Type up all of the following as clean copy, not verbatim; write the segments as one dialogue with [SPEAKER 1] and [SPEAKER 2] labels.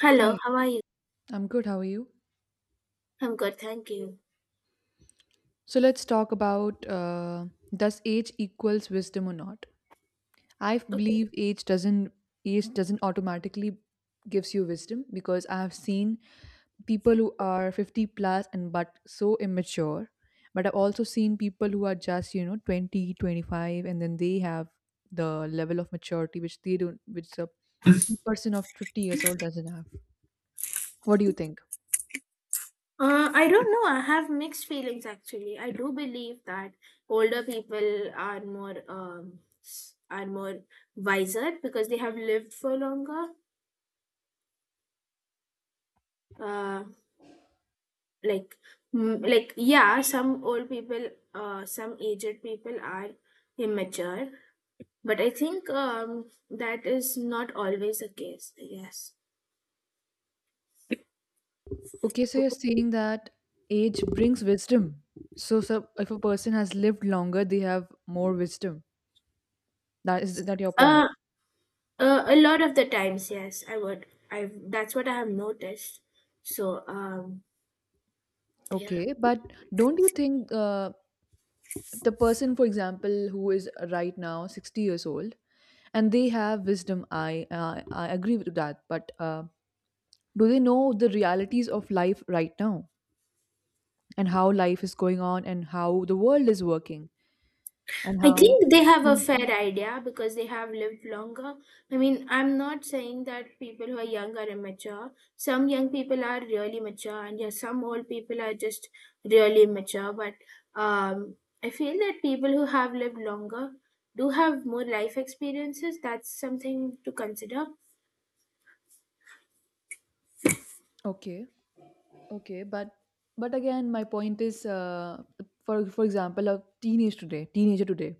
[SPEAKER 1] Hello,
[SPEAKER 2] Hi,
[SPEAKER 1] how are you?
[SPEAKER 2] I'm good. How are you?
[SPEAKER 1] I'm good, thank you.
[SPEAKER 2] So let's talk about does age equals wisdom or not? I
[SPEAKER 1] Okay.
[SPEAKER 2] believe age doesn't automatically gives you wisdom because I have seen people who are 50 plus and but so immature. But I've also seen people who are just, you know, 20, 25 and then they have the level of maturity which they don't which a person of 50 years old doesn't have. What do you think?
[SPEAKER 1] I don't know. I have mixed feelings actually. I do believe that older people are more are more wiser because they have lived for longer. Uh, like yeah, some old people, some aged people are immature, but I think that is not always the case. Yes.
[SPEAKER 2] Okay, so you're saying that age brings wisdom. So if a person has lived longer, they have more wisdom. That is that your point?
[SPEAKER 1] Uh, a lot of the times, yes, I would. I That's what I have noticed. So, yeah,
[SPEAKER 2] Okay, but don't you think the person, for example, who is right now 60 years old, and they have wisdom, I agree with that. But do they know the realities of life right now and how life is going on and how the world is working and
[SPEAKER 1] I
[SPEAKER 2] how?
[SPEAKER 1] think they have a
[SPEAKER 2] Mm.
[SPEAKER 1] fair idea because they have lived longer. I mean, I'm not saying that people who are young are immature. Some young people are really mature, and yeah, some old people are just really mature. But um, I feel that people who have lived longer do have more life experiences. That's something to consider.
[SPEAKER 2] Okay. Okay, but again, my point is, for example, teenager today,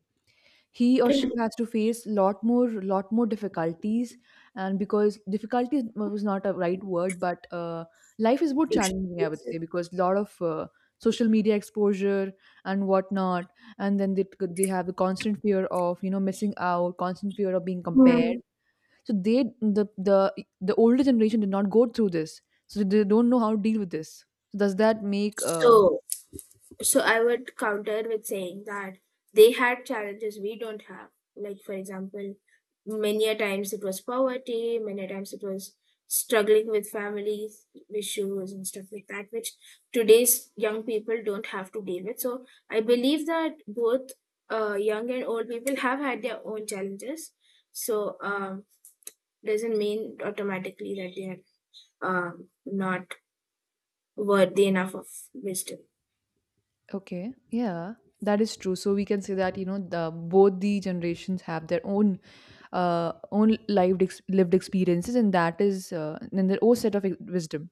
[SPEAKER 2] he or she has to face lot more difficulties, and because difficulties was not a right word, but life is more challenging, I would say,
[SPEAKER 1] Experiences.
[SPEAKER 2] because lot of social media exposure and whatnot, and then they have the constant fear of you know missing out, constant fear of being compared
[SPEAKER 1] Hmm.
[SPEAKER 2] so they the older generation did not go through this, so they don't know how to deal with this. So does that make
[SPEAKER 1] So So I would counter with saying that they had challenges we don't have. Like, for example, many a times it was poverty, many a times it was struggling with family issues and stuff like that, which today's young people don't have to deal with. So I believe that both young and old people have had their own challenges. So doesn't mean automatically that they are not worthy enough of wisdom.
[SPEAKER 2] okay? Yeah, that is true. So we can say that you know the both the generations have their own own lived experiences, and that is and their own set of wisdom,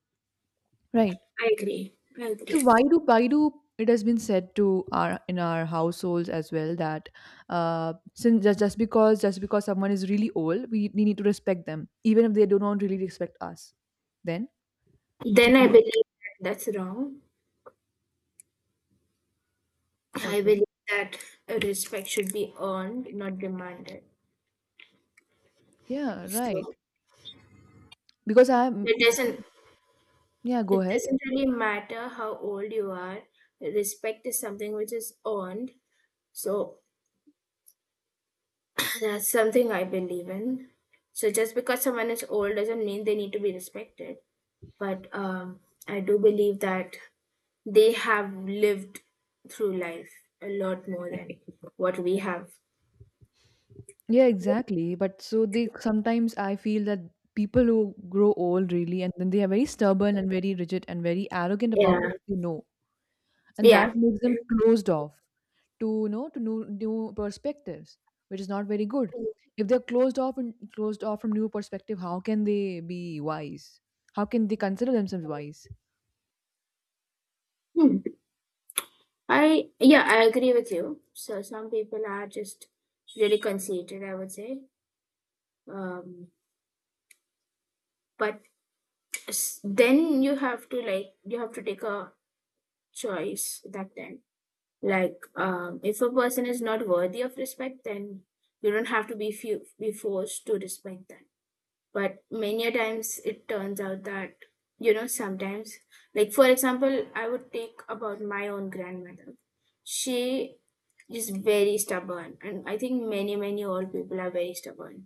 [SPEAKER 2] right?
[SPEAKER 1] I agree. I
[SPEAKER 2] So
[SPEAKER 1] agree.
[SPEAKER 2] why do it has been said to our in our households as well that since just because someone is really old, we need to respect them even if they do not really respect us. Then so
[SPEAKER 1] Then I
[SPEAKER 2] do,
[SPEAKER 1] believe that that's wrong. I believe
[SPEAKER 2] okay,
[SPEAKER 1] that respect should be earned, not demanded.
[SPEAKER 2] yeah,
[SPEAKER 1] So
[SPEAKER 2] right. Because I'm
[SPEAKER 1] it doesn't
[SPEAKER 2] yeah, go
[SPEAKER 1] it
[SPEAKER 2] ahead.
[SPEAKER 1] doesn't really matter how old you are. Respect is something which is earned. So that's something I believe in. So just because someone is old doesn't mean they need to be respected. But I do believe that they have lived through life a lot more than what we have.
[SPEAKER 2] Yeah, exactly. But so they sometimes I feel that people who grow old really and then they are very stubborn and very rigid and very arrogant about
[SPEAKER 1] Yeah.
[SPEAKER 2] what they know, and that
[SPEAKER 1] Yeah.
[SPEAKER 2] makes them closed off to you know to new perspectives which is not very good if they're closed off and closed off from new perspective how can they be wise how can they consider themselves wise
[SPEAKER 1] I Yeah, I agree with you. So some people are just really conceited, I would say. Um, but then you have to like you have to take a choice that time. Like if a person is not worthy of respect, then you don't have to be forced to respect them. But many a times it turns out that sometimes, like for example, I would take about my own grandmother. She is very stubborn, and I think many old people are very stubborn,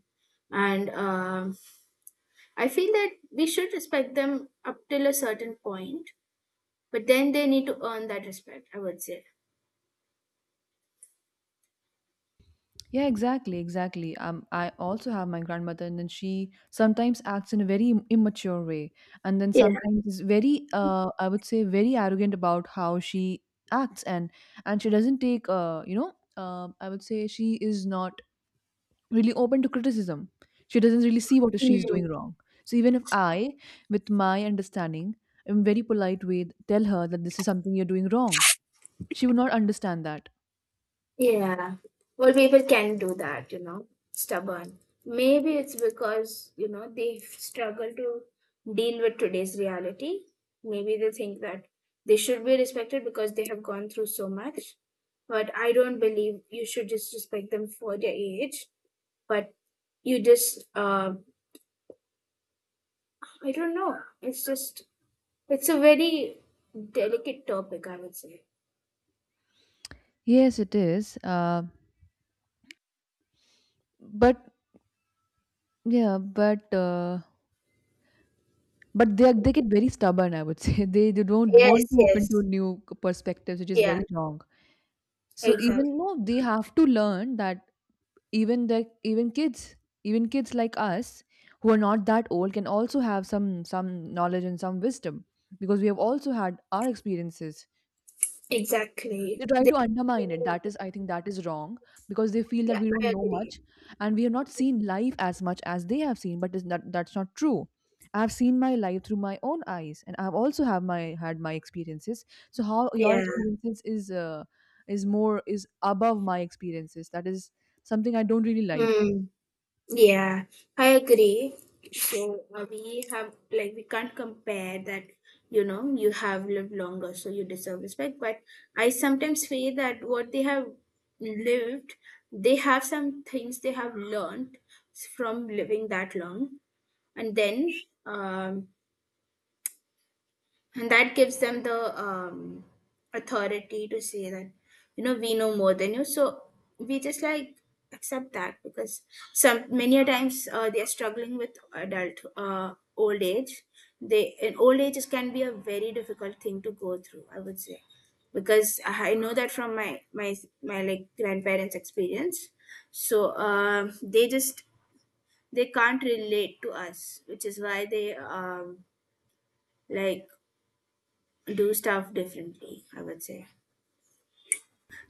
[SPEAKER 1] and I feel that we should respect them up till a certain point, but then they need to earn that respect, I would say.
[SPEAKER 2] yeah exactly I also have my grandmother and then she sometimes acts in a very immature way and then
[SPEAKER 1] Yeah.
[SPEAKER 2] sometimes is very I would say very arrogant about how she acts and she doesn't take I would say she is not really open to criticism. She doesn't really see what she's doing wrong. So even if I, with my understanding, in very polite way, tell her that this is something you're doing wrong, she would not understand that.
[SPEAKER 1] Yeah. Well, people can do that, stubborn. Maybe it's because, they struggle to deal with today's reality. Maybe they think that they should be respected because they have gone through so much. But I don't believe you should just respect them for their age. But you just, I don't know. It's a very delicate topic, I would say.
[SPEAKER 2] Yes, it is. But yeah, but they are- they get very stubborn. I would say they don't want
[SPEAKER 1] Yes,
[SPEAKER 2] to open to
[SPEAKER 1] yes.
[SPEAKER 2] new perspectives, which is
[SPEAKER 1] Yeah,
[SPEAKER 2] very wrong. So
[SPEAKER 1] exactly.
[SPEAKER 2] even no, they have to learn that even the even kids like us who are not that old can also have some knowledge and some wisdom because we have also had our experiences
[SPEAKER 1] Exactly.
[SPEAKER 2] they try to undermine it that is I think that is wrong because they feel
[SPEAKER 1] Yeah,
[SPEAKER 2] that we
[SPEAKER 1] I
[SPEAKER 2] don't know
[SPEAKER 1] agree.
[SPEAKER 2] much and we have not seen life as much as they have seen but is that that's not true I have seen my life through my own eyes and I've also have my had my experiences so how your
[SPEAKER 1] Yeah.
[SPEAKER 2] experiences is more is above my experiences that is something I don't really like.
[SPEAKER 1] Mm, yeah, I agree. So we have like we can't compare that. You know, you have lived longer, so you deserve respect. But I sometimes feel that what they have lived, they have some things they have learned from living that long, and then um, and that gives them the authority to say that we know more than you, so we just like accept that because some many a times, they are struggling with adult old age. They And old age can be a very difficult thing to go through, I would say, because I know that from my like grandparents experience. So they can't relate to us, which is why they like do stuff differently, I would say.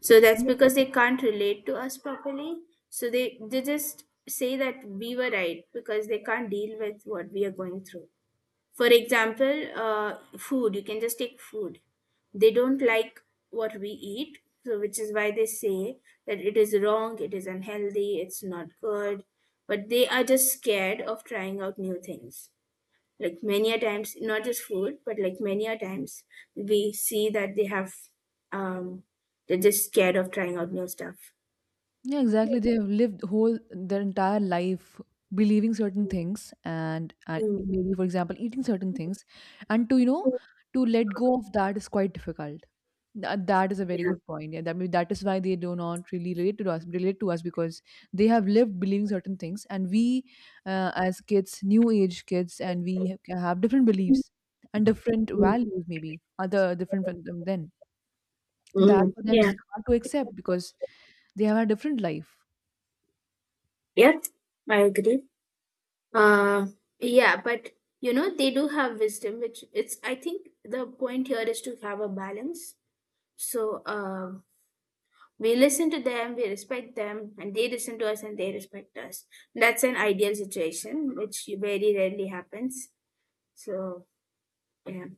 [SPEAKER 1] So that's because they can't relate to us properly, so they just say that we were right because they can't deal with what we are going through. For example, food. You can just take food. They don't like what we eat, so which is why they say that it is wrong, it is unhealthy, it's not good. But they are just scared of trying out new things. Like many a times, not just food, but like many a times we see that um they're just scared of trying out new stuff.
[SPEAKER 2] Yeah, exactly. They have lived whole their entire life believing certain things and
[SPEAKER 1] Mm.
[SPEAKER 2] maybe for example eating certain things and to you know to let go of that is quite difficult. That is a very
[SPEAKER 1] Yeah.
[SPEAKER 2] good point. Yeah, that maybe that is why they do not really relate to us because they have lived believing certain things and we as kids, new age kids and we have different beliefs and different values maybe other different from them then. That
[SPEAKER 1] Mm.
[SPEAKER 2] for them
[SPEAKER 1] Yeah.
[SPEAKER 2] is hard to accept because they have a different life.
[SPEAKER 1] Yeah, I agree. uh yeah, but they do have wisdom. Which it's I think the point here is to have a balance. So we listen to them, we respect them, and they listen to us and they respect us. That's an ideal situation which very rarely happens. So, yeah.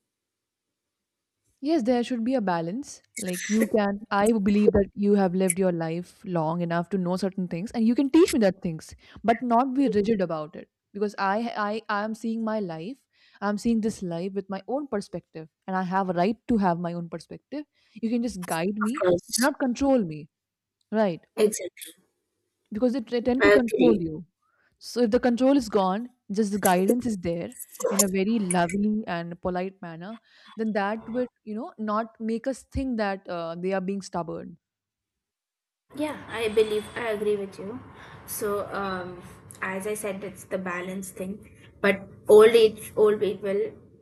[SPEAKER 2] Yes, there should be a balance. Like you can, I believe that you have lived your life long enough to know certain things, and you can teach me that things, but not be rigid about it. Because I am seeing my life. I'm seeing this life with my own perspective, and I have a right to have my own perspective. You can just guide
[SPEAKER 1] Of
[SPEAKER 2] me,
[SPEAKER 1] course.
[SPEAKER 2] not control me, right?
[SPEAKER 1] Exactly.
[SPEAKER 2] Because they tend to
[SPEAKER 1] I
[SPEAKER 2] control
[SPEAKER 1] agree.
[SPEAKER 2] you. So if the control is gone, just the guidance is there in a very lovely and polite manner, then that would, you know, not make us think that they are being stubborn.
[SPEAKER 1] Yeah, I believe I agree with you. So, as I said, it's the balance thing. But old age, old people,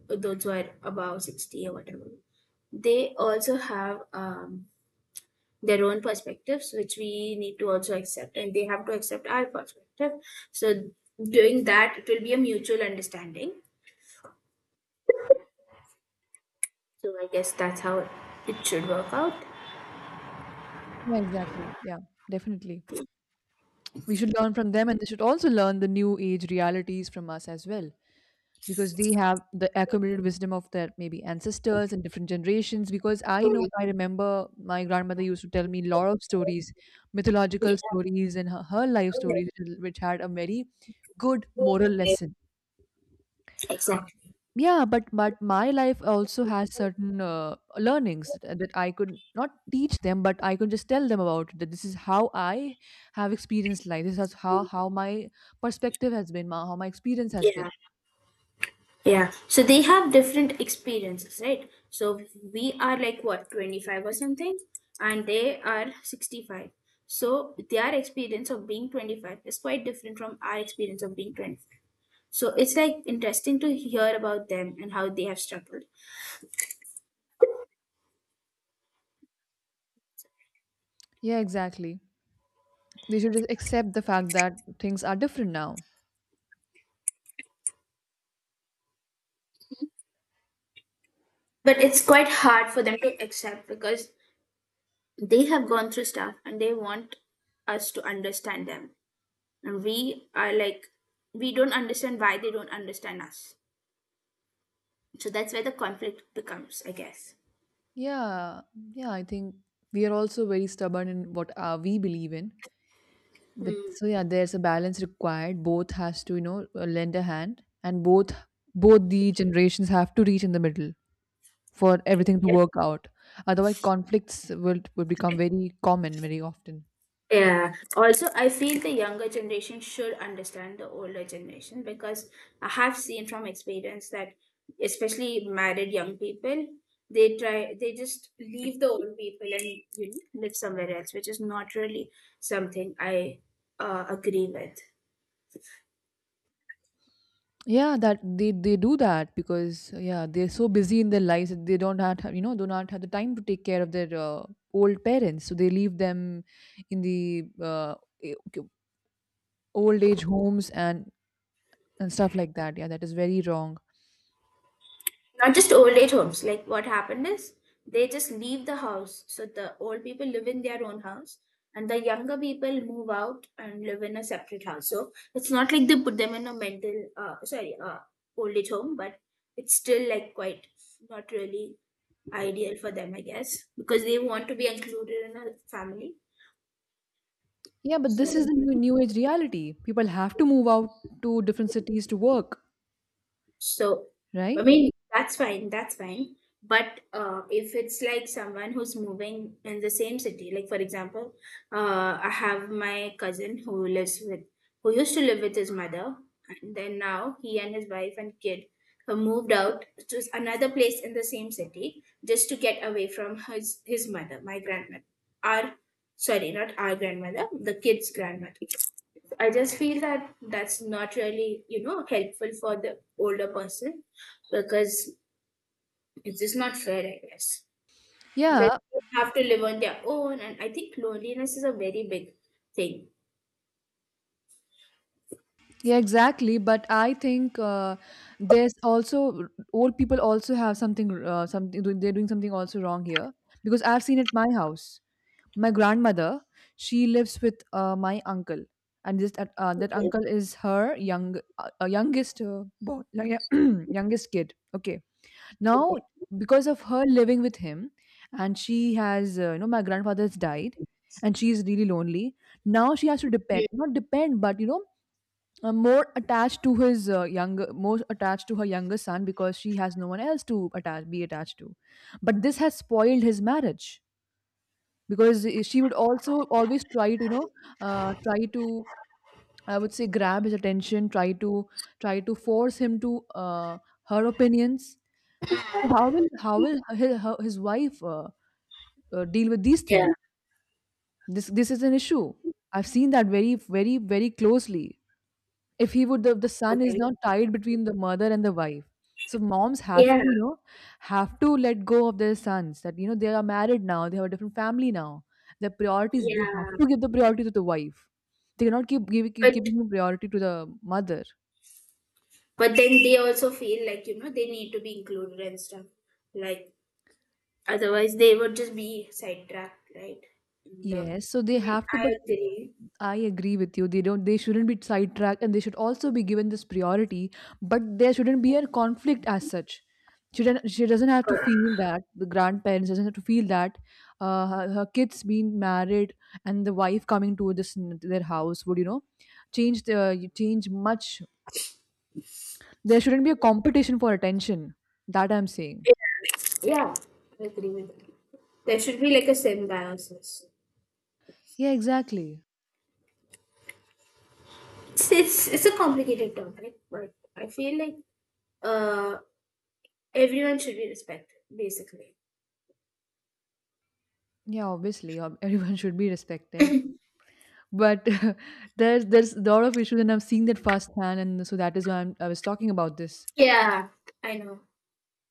[SPEAKER 1] those who are above 60 or whatever, they also have their own perspectives, which we need to also accept, and they have to accept our perspective. So, doing that, it will be a mutual understanding. So, I guess that's how it should work out.
[SPEAKER 2] Yeah, exactly. Yeah, definitely. We should learn from them and they should also learn the new age realities from us as well. Because they have the accumulated wisdom of their maybe ancestors and different generations because I know I remember my grandmother used to tell me a lot of stories
[SPEAKER 1] Yeah.
[SPEAKER 2] mythological stories and her life stories which had a very good moral lesson
[SPEAKER 1] Exactly.
[SPEAKER 2] yeah but my life also has certain learnings that I could not teach them but I could just tell them about it, that this is how I have experienced life this is how my perspective has been how my experience has
[SPEAKER 1] Yeah.
[SPEAKER 2] been.
[SPEAKER 1] Yeah. So they have different experiences, right? So we are like what, 25 or something, and they are 65. So their experience of being 25 is quite different from our experience of being 25. So it's like interesting to hear about them and how they have struggled.
[SPEAKER 2] Yeah exactly they should just accept the fact that things are different now
[SPEAKER 1] But it's quite hard for them to accept because they have gone through stuff and they want us to understand them. And we are like, we don't understand why they don't understand us. So that's where the conflict becomes, I guess.
[SPEAKER 2] yeah yeah I think we are also very stubborn in what we believe in but so yeah there's a balance required both has to you know lend a hand and both both the generations have to reach in the middle for everything to
[SPEAKER 1] Yeah.
[SPEAKER 2] work out otherwise conflicts will become very common very often.
[SPEAKER 1] Yeah. Also, I feel the younger generation should understand the older generation because I have seen from experience that especially married young people, they just leave the old people and live somewhere else, which is not really something I agree with.
[SPEAKER 2] Yeah, that they do that because yeah, they're so busy in their lives that they don't have you know do not have the time to take care of their old parents, so they leave them in the eh, k- old age homes and stuff like that. Yeah, that is very wrong.
[SPEAKER 1] Not just old age homes. Like what happened is they just leave the house. So the old people live in their own house and the younger people move out and live in a separate house. So it's not like they put them in a old age home, but it's still like quite not really ideal for them, I guess, because they want to be included in a family.
[SPEAKER 2] Yeah, but this is
[SPEAKER 1] So.
[SPEAKER 2] the new age reality. People have to move out to different cities to work,
[SPEAKER 1] So, I
[SPEAKER 2] right?
[SPEAKER 1] mean, that's fine, that's fine. But if it's like someone who's moving in the same city, like for example, I have my cousin who used to live with his mother, and then now he and his wife and kid have moved out to another place in the same city just to get away from his mother, my grandmother. Our, sorry, not our grandmother, the kid's grandmother. I just feel that that's not really, helpful for the older person because it's just not fair, I guess. Because
[SPEAKER 2] Yeah.
[SPEAKER 1] they have to live on their own, and I think loneliness is a very big thing.
[SPEAKER 2] Yeah, exactly. But I think there's also old people also have something they're doing something also wrong here because I've seen at my house. My grandmother, she lives with my uncle, and this that that
[SPEAKER 1] Okay.
[SPEAKER 2] uncle is her young youngest boy, youngest kid. Okay,
[SPEAKER 1] Okay.
[SPEAKER 2] now because of her living with him, and she has you know my grandfather's died, and she is really lonely. Now she has to
[SPEAKER 1] Mm.
[SPEAKER 2] depend not depend, but you know more attached to his younger more attached to her younger son because she has no one else to attach be attached to but this has spoiled his marriage because she would also always try to you know try to I would say grab his attention try to try to force him to uh, her opinions so how will his wife deal with these
[SPEAKER 1] Yeah.
[SPEAKER 2] things this this is an issue I've seen that very very very closely. If he would, the son is
[SPEAKER 1] Okay.
[SPEAKER 2] now tied between the mother and the wife. So moms have
[SPEAKER 1] Yeah.
[SPEAKER 2] to, you know, have to let go of their sons. That you know they are married now. They have a different family now. Their priorities, they have
[SPEAKER 1] Yeah.
[SPEAKER 2] to give the priority to the wife. They cannot keep giving keep
[SPEAKER 1] But
[SPEAKER 2] giving priority to the mother.
[SPEAKER 1] but then they also feel like, you know, they need to be included and stuff. Like otherwise they would just be sidetracked, right? And,
[SPEAKER 2] Yes, so
[SPEAKER 1] I
[SPEAKER 2] they
[SPEAKER 1] mean,
[SPEAKER 2] have to,
[SPEAKER 1] I
[SPEAKER 2] but
[SPEAKER 1] agree.
[SPEAKER 2] I agree with you. They don't. They shouldn't be sidetracked, and they should also be given this priority. But there shouldn't be a conflict as such. She doesn't. She doesn't have to
[SPEAKER 1] But,
[SPEAKER 2] feel that the grandparents doesn't have to feel that her kids being married and the wife coming to this to their house would you know change the change much. There shouldn't be a competition for attention. That I'm saying.
[SPEAKER 1] yeah, I agree with that. There should be like a symbiosis.
[SPEAKER 2] Yeah, exactly.
[SPEAKER 1] It's a complicated topic, but I feel like uh, everyone should be respected, basically.
[SPEAKER 2] Yeah, obviously, everyone should be respected. But there's a lot of issues, and I've seen that firsthand, and so that is why I was talking about this.
[SPEAKER 1] Yeah, I know.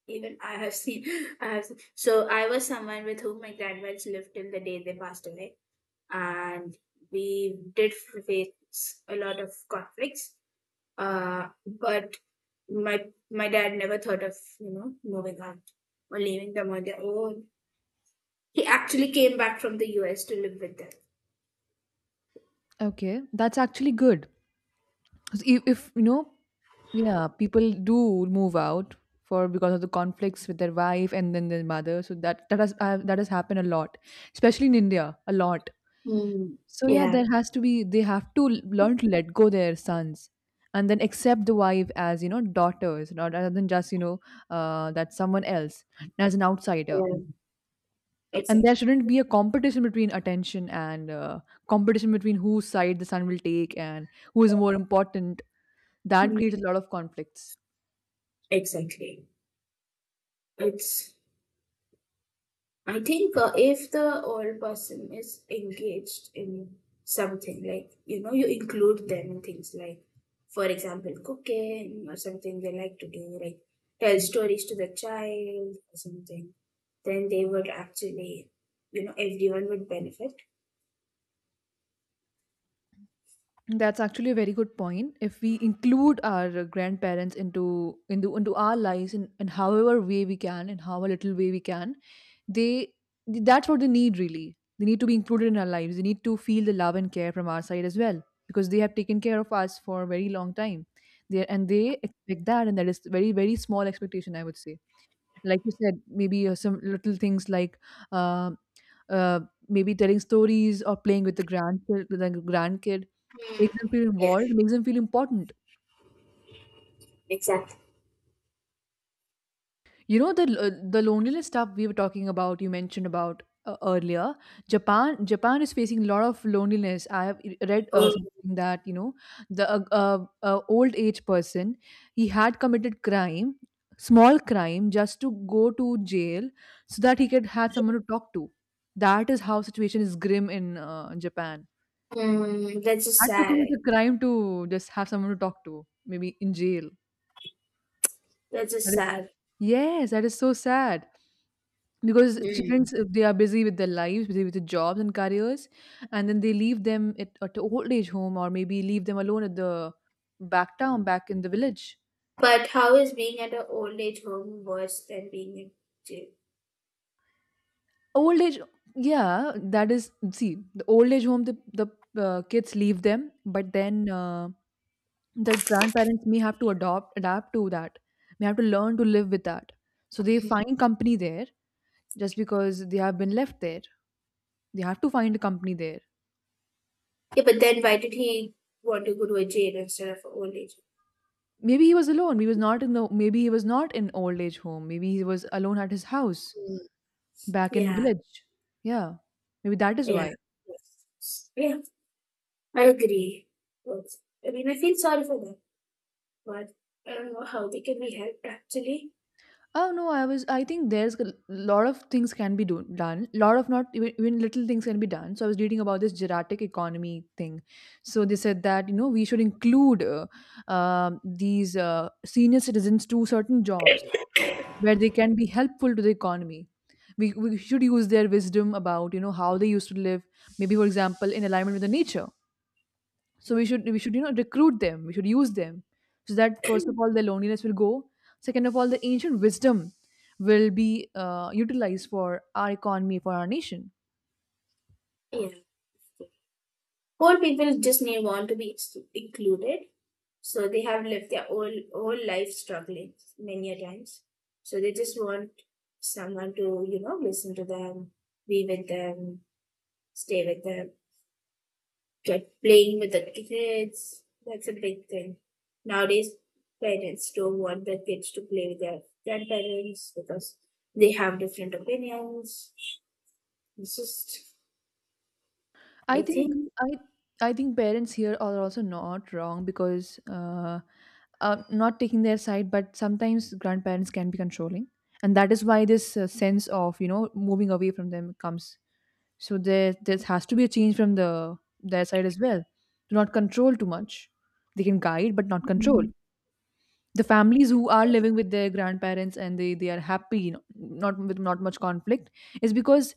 [SPEAKER 1] Even I have seen, I have seen. So I was someone with whom my grandparents lived till the day they passed away, and we did face a lot of conflicts. But my dad never thought of moving on or leaving them on their own. He actually came back from the US to live with them.
[SPEAKER 2] Okay, that's actually good. So if you know, yeah, people do move out for because of the conflicts with their wife and then their mother. So that that has happened a lot, especially in India, a lot.
[SPEAKER 1] Mm.
[SPEAKER 2] So yeah,
[SPEAKER 1] Yeah,
[SPEAKER 2] there has to be they have to learn to let go their sons and then accept the wife as daughters, not rather than just that someone else as an outsider.
[SPEAKER 1] yeah,
[SPEAKER 2] And
[SPEAKER 1] exactly.
[SPEAKER 2] there shouldn't be a competition between attention and competition between whose side the sun will take and who is more important. That creates a lot of conflicts.
[SPEAKER 1] Exactly. It's, I think, if the old person is engaged in something, like, you know, you include them in things like, for example, cooking or something they like to do, like tell stories to the child or something, then they would actually, you know, everyone would benefit.
[SPEAKER 2] That's actually a very good point. If we include our grandparents into our lives, in however way we can, in how a little way we can, they that's what they need really. They need to be included in our lives. They need to feel the love and care from our side as well, because they have taken care of us for a very long time. They expect that, and that is very very small expectation, I would say. Like you said, maybe some little things like uh, uh, maybe telling stories or playing with the grandkid, makes them feel
[SPEAKER 1] Yeah,
[SPEAKER 2] involved, makes them feel important.
[SPEAKER 1] exactly.
[SPEAKER 2] You know the loneliness stuff we were talking about. You mentioned about earlier. Japan is facing a lot of loneliness. I have read
[SPEAKER 1] Oh,
[SPEAKER 2] something that, the old age person, he had committed crime, small crime, just to go to jail so that he could had someone to talk to. That is how situation is grim in Japan.
[SPEAKER 1] that's just
[SPEAKER 2] Had to
[SPEAKER 1] sad.
[SPEAKER 2] commit a crime to just have someone to talk to, maybe in jail.
[SPEAKER 1] That's just
[SPEAKER 2] That is
[SPEAKER 1] sad.
[SPEAKER 2] Yes, that is so sad. Because
[SPEAKER 1] Mm.
[SPEAKER 2] students, they are busy with their lives, busy with their jobs and careers, and then they leave them at a old age home, or maybe leave them alone at the back town, back in the village.
[SPEAKER 1] But how is being at an old age home worse than being in jail?
[SPEAKER 2] Old age Yeah, that is, see, the old age home, the kids leave them, but then the grandparents may have to adopt adapt to that, may have to learn to live with that, so they find company there, just because they have been left there, they have to find a company there.
[SPEAKER 1] Yeah, but then why did he want to go to a jail instead of an old age
[SPEAKER 2] Maybe he was alone, he was not in the maybe he was not in old age home, maybe he was alone at his house
[SPEAKER 1] home? Mm.
[SPEAKER 2] back in
[SPEAKER 1] Yeah,
[SPEAKER 2] village. Yeah, maybe that is
[SPEAKER 1] yeah,
[SPEAKER 2] why.
[SPEAKER 1] yes. Yeah. I agree. But, I mean, I feel sorry for them, but I don't know how they can be helped actually.
[SPEAKER 2] Oh no, I think there's a lot of things can be done, lot of not even little things can be done. So I was reading about this geriatric economy thing. So they said that, we should include these senior citizens to certain jobs where they can be helpful to the economy. We should use their wisdom about, how they used to live, maybe for example in alignment with the nature. So we should, recruit them. We should use them, so that first of all their loneliness will go. Second of all, the ancient wisdom will be utilized for our economy, for our nation.
[SPEAKER 1] Yeah, poor people just need want to be included. So they have lived their whole life struggling many a times. So they just want someone to, listen to them, be with them, stay with them, get playing with the kids. That's a big thing. Nowadays parents don't want their kids to play with their grandparents because they have different opinions. It's just
[SPEAKER 2] I
[SPEAKER 1] I
[SPEAKER 2] think
[SPEAKER 1] think
[SPEAKER 2] I I think parents here are also not wrong, because not taking their side, but sometimes grandparents can be controlling, and that is why this sense of, moving away from them comes. So there has to be a change from their side as well. Do not control too much. They can guide, but not control. The families who are living with their grandparents and they are happy, you not with not much conflict, is because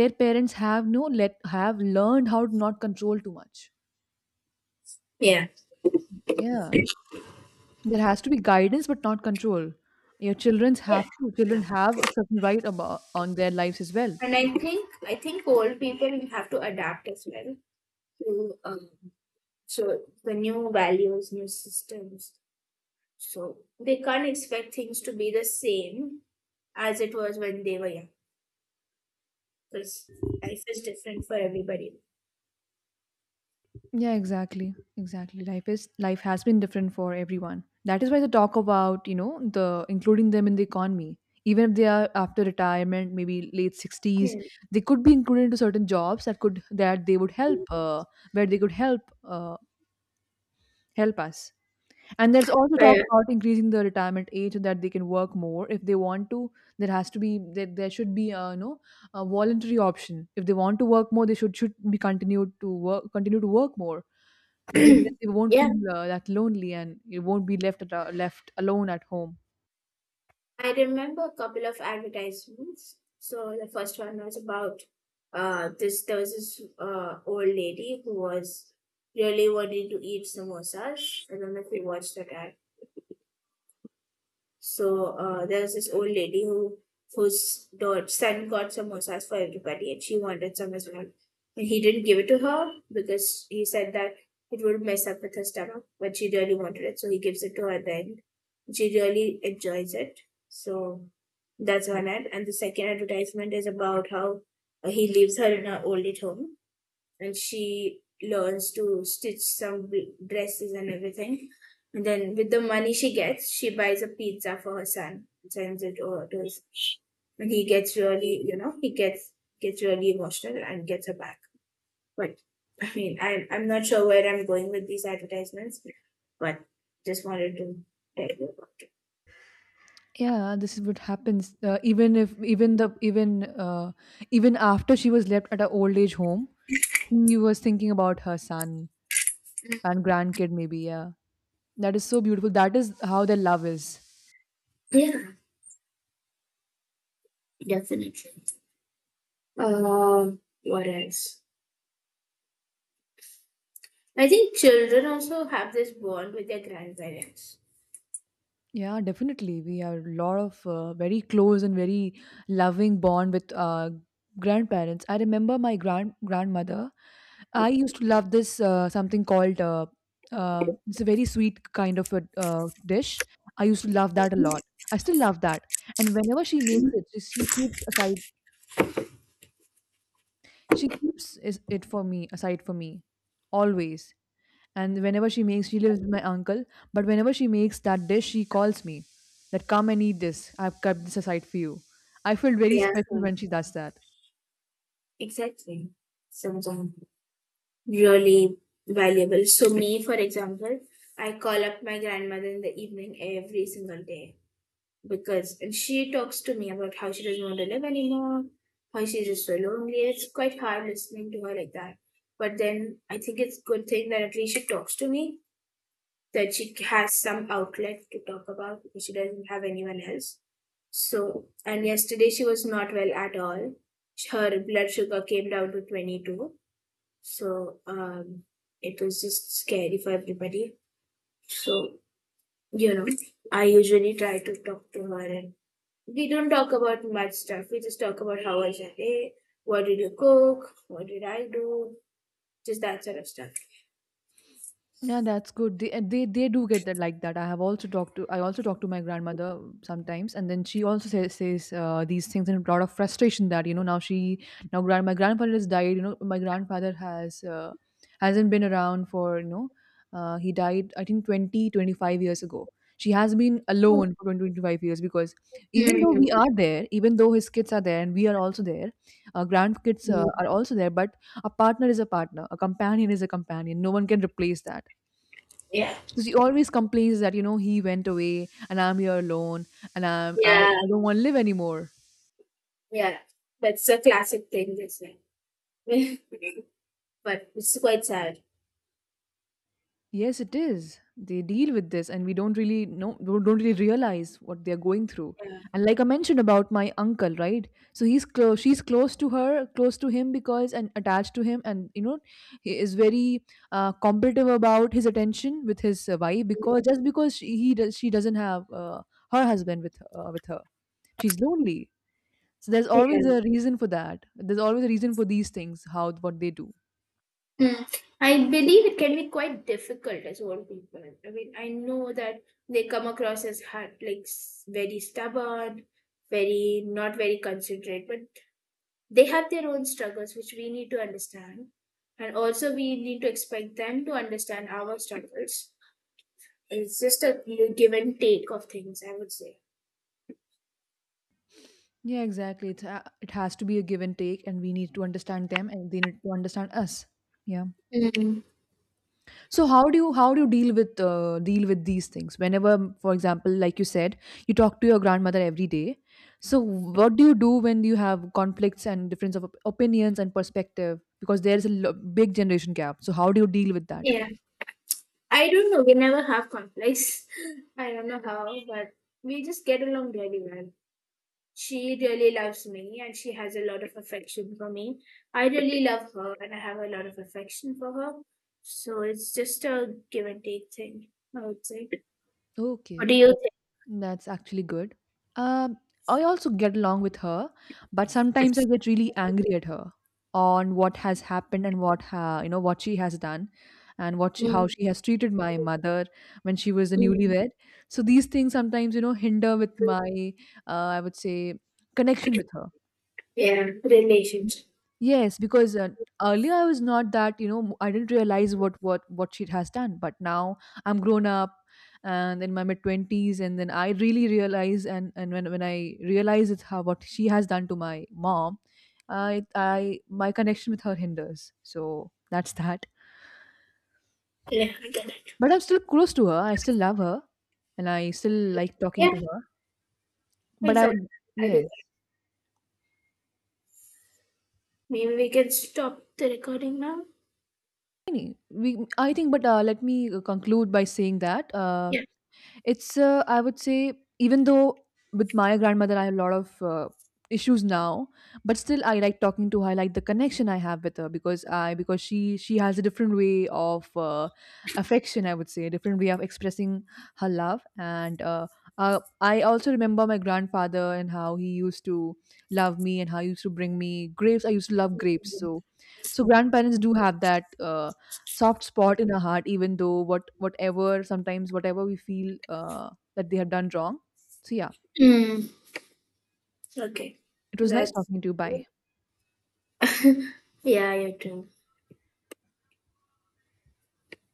[SPEAKER 2] their parents have no let have learned how to not control too much.
[SPEAKER 1] yeah.
[SPEAKER 2] Yeah, there has to be guidance but not control. your children's have to
[SPEAKER 1] Yeah.
[SPEAKER 2] children have a certain right about on their lives as well.
[SPEAKER 1] And I think old people have to adapt as well to so the new values, new systems. So they can't expect things to be the same as it was when they were young because life is different for everybody.
[SPEAKER 2] Yeah, exactly. Exactly. Life has been different for everyone. That is why they talk about, the including them in the economy. Even if they are after retirement, maybe late 60s,
[SPEAKER 1] Yeah.
[SPEAKER 2] they could be included into certain jobs that they would help, where they could help, help us. And there's also talk
[SPEAKER 1] Uh,
[SPEAKER 2] about increasing the retirement age so that they can work more if they want to. There has to be there, there should be a, you know, a voluntary option. If they want to work more, they should be continue to work more, because then they won't
[SPEAKER 1] yeah,
[SPEAKER 2] feel that lonely, and you won't be left alone at home.
[SPEAKER 1] I remember a couple of advertisements. So the first one was about this there was this old lady who was really wanting to eat samosas. I don't know if you watched that. So there was this old lady whose daughter, son got samosas for everybody, and she wanted some as well. And he didn't give it to her because he said that it would mess up with her stomach, but she really wanted it, so he gives it to her then. She really enjoys it. So that's one ad. And the second advertisement is about how he leaves her in her old age home and she learns to stitch dresses and everything. And then with the money she gets, she buys a pizza for her son and sends it over to his. And he gets really, he gets really emotional and gets her back. But I mean, I'm not sure where I'm going with these advertisements, but just wanted to tell you about it.
[SPEAKER 2] Yeah, this is what happens. Even if even the even even after she was left at her old age home, she was thinking about her son and grandkid maybe. Yeah. That is so beautiful. That is how their love is.
[SPEAKER 1] Yeah, definitely. What else? I think children also have this bond with their grandparents.
[SPEAKER 2] Yeah, definitely. We have a lot of very close and very loving bond with grandparents. I remember my grandmother. I used to love this, something called, it's a very sweet kind of a dish. I used to love that a lot. I still love that. And whenever she makes it, she keeps aside. She keeps it for me, aside for me, always. And whenever she makes, she lives with my uncle. But whenever she makes that dish, she calls me that come and eat this. I've kept this aside for you. I feel very
[SPEAKER 1] Yeah.
[SPEAKER 2] special when she does that.
[SPEAKER 1] Exactly. Something really valuable. So me, for example, I call up my grandmother in the evening every single day because and she talks to me about how she doesn't want to live anymore, how she's just so lonely. It's quite hard listening to her like that. But then I think it's good thing that at least she talks to me, that she has some outlet to talk about because she doesn't have anyone else. So and yesterday she was not well at all. Her blood sugar came down to 22, so it was just scary for everybody. So, you know, I usually try to talk to her and we don't talk about much stuff. We just talk about how was your day, what did you cook, what did I do, just that sort of stuff.
[SPEAKER 2] Yeah, that's good. They and they they do get that, like that. I also talk to my grandmother sometimes, and then she also says these things in a lot of frustration, that, now she now grand my grandfather has died. You know my grandfather hasn't been around for, he died, I think 20 25 years ago. She has been alone for 20 25 years, because even though
[SPEAKER 1] Mm,
[SPEAKER 2] we are there, even though his kids are there and we are also there, grandkids
[SPEAKER 1] mm.
[SPEAKER 2] are also there, but a partner is a partner, a companion is a companion. No one can replace that.
[SPEAKER 1] Yeah.
[SPEAKER 2] So she always complains that, he went away and I'm here alone, and I'm, I,
[SPEAKER 1] Yeah.
[SPEAKER 2] I don't want to live anymore.
[SPEAKER 1] Yeah. That's a classic thing, isn't it? But it's quite sad.
[SPEAKER 2] Yes, it is. They deal with this and we don't really know, don't really realize what they're going through.
[SPEAKER 1] Yeah.
[SPEAKER 2] And like I mentioned about my uncle, right? So she's close to her, close to him because, and attached to him. And, he is very competitive about his attention with his wife,
[SPEAKER 1] Yeah.
[SPEAKER 2] because just because she doesn't have her husband with her. She's lonely. So there's always
[SPEAKER 1] Yeah.
[SPEAKER 2] a reason for that. There's always a reason for these things, how what they do.
[SPEAKER 1] Mm. I believe it can be quite difficult as old people. I mean, I know that they come across as hard, very stubborn, very not very considerate, but they have their own struggles, which we need to understand. And also, we need to expect them to understand our struggles. It's just a give and take of things, I would say.
[SPEAKER 2] Yeah, exactly. It has to be a give and take, and we need to understand them and they need to understand us. Yeah.
[SPEAKER 1] Mm.
[SPEAKER 2] So how do you deal with these things? Whenever, for example, like you said, you talk to your grandmother every day. So what do you do when you have conflicts and difference of opinions and perspective? Because there is a big generation gap. So how do you deal with that?
[SPEAKER 1] Yeah, I don't know. We never have conflicts. I don't know how, but we just get along really well. She really loves me and she has a lot of affection for me. I really love her and I have a lot of affection for her. So it's just a give and take thing, I would say. What
[SPEAKER 2] Okay.
[SPEAKER 1] do you think?
[SPEAKER 2] That's actually good. Um, I also get along with her, but sometimes I get really angry at her on what has happened and what ha you know what she has done, and how
[SPEAKER 1] Mm,
[SPEAKER 2] she has treated my mother when she was a
[SPEAKER 1] mm, mm.
[SPEAKER 2] newlywed. So these things sometimes, hinder with my, I would say, connection with her.
[SPEAKER 1] Yeah, relationship.
[SPEAKER 2] Yes, because earlier I was not that, I didn't realize what she has done, but now I'm grown up, and in my mid 20s, and then I really realize, and when I realize it's how what she has done to my mom, I my connection with her hinders. So that's that.
[SPEAKER 1] Yeah, I get it.
[SPEAKER 2] But I'm still close to her. I still love her and I still like
[SPEAKER 1] Yeah,
[SPEAKER 2] talking to her. But I
[SPEAKER 1] exactly.
[SPEAKER 2] would-
[SPEAKER 1] I do that.
[SPEAKER 2] yes.
[SPEAKER 1] Maybe we can stop the recording now.
[SPEAKER 2] Any- We, I think, but Let me conclude by saying that,
[SPEAKER 1] Yeah.
[SPEAKER 2] I would say, even though with my grandmother I have a lot of issues now, but still I like talking to her. I like the connection I have with her, because she has a different way of affection. I would say a different way of expressing her love. And I also remember my grandfather, and how he used to love me and how he used to bring me grapes. I used to love grapes. So grandparents do have that soft spot in our heart, even though whatever we feel, that they have done wrong, so yeah.
[SPEAKER 1] Mm. Okay.
[SPEAKER 2] It was nice
[SPEAKER 1] That's.
[SPEAKER 2] talking to you. Bye.
[SPEAKER 1] Yeah, you too.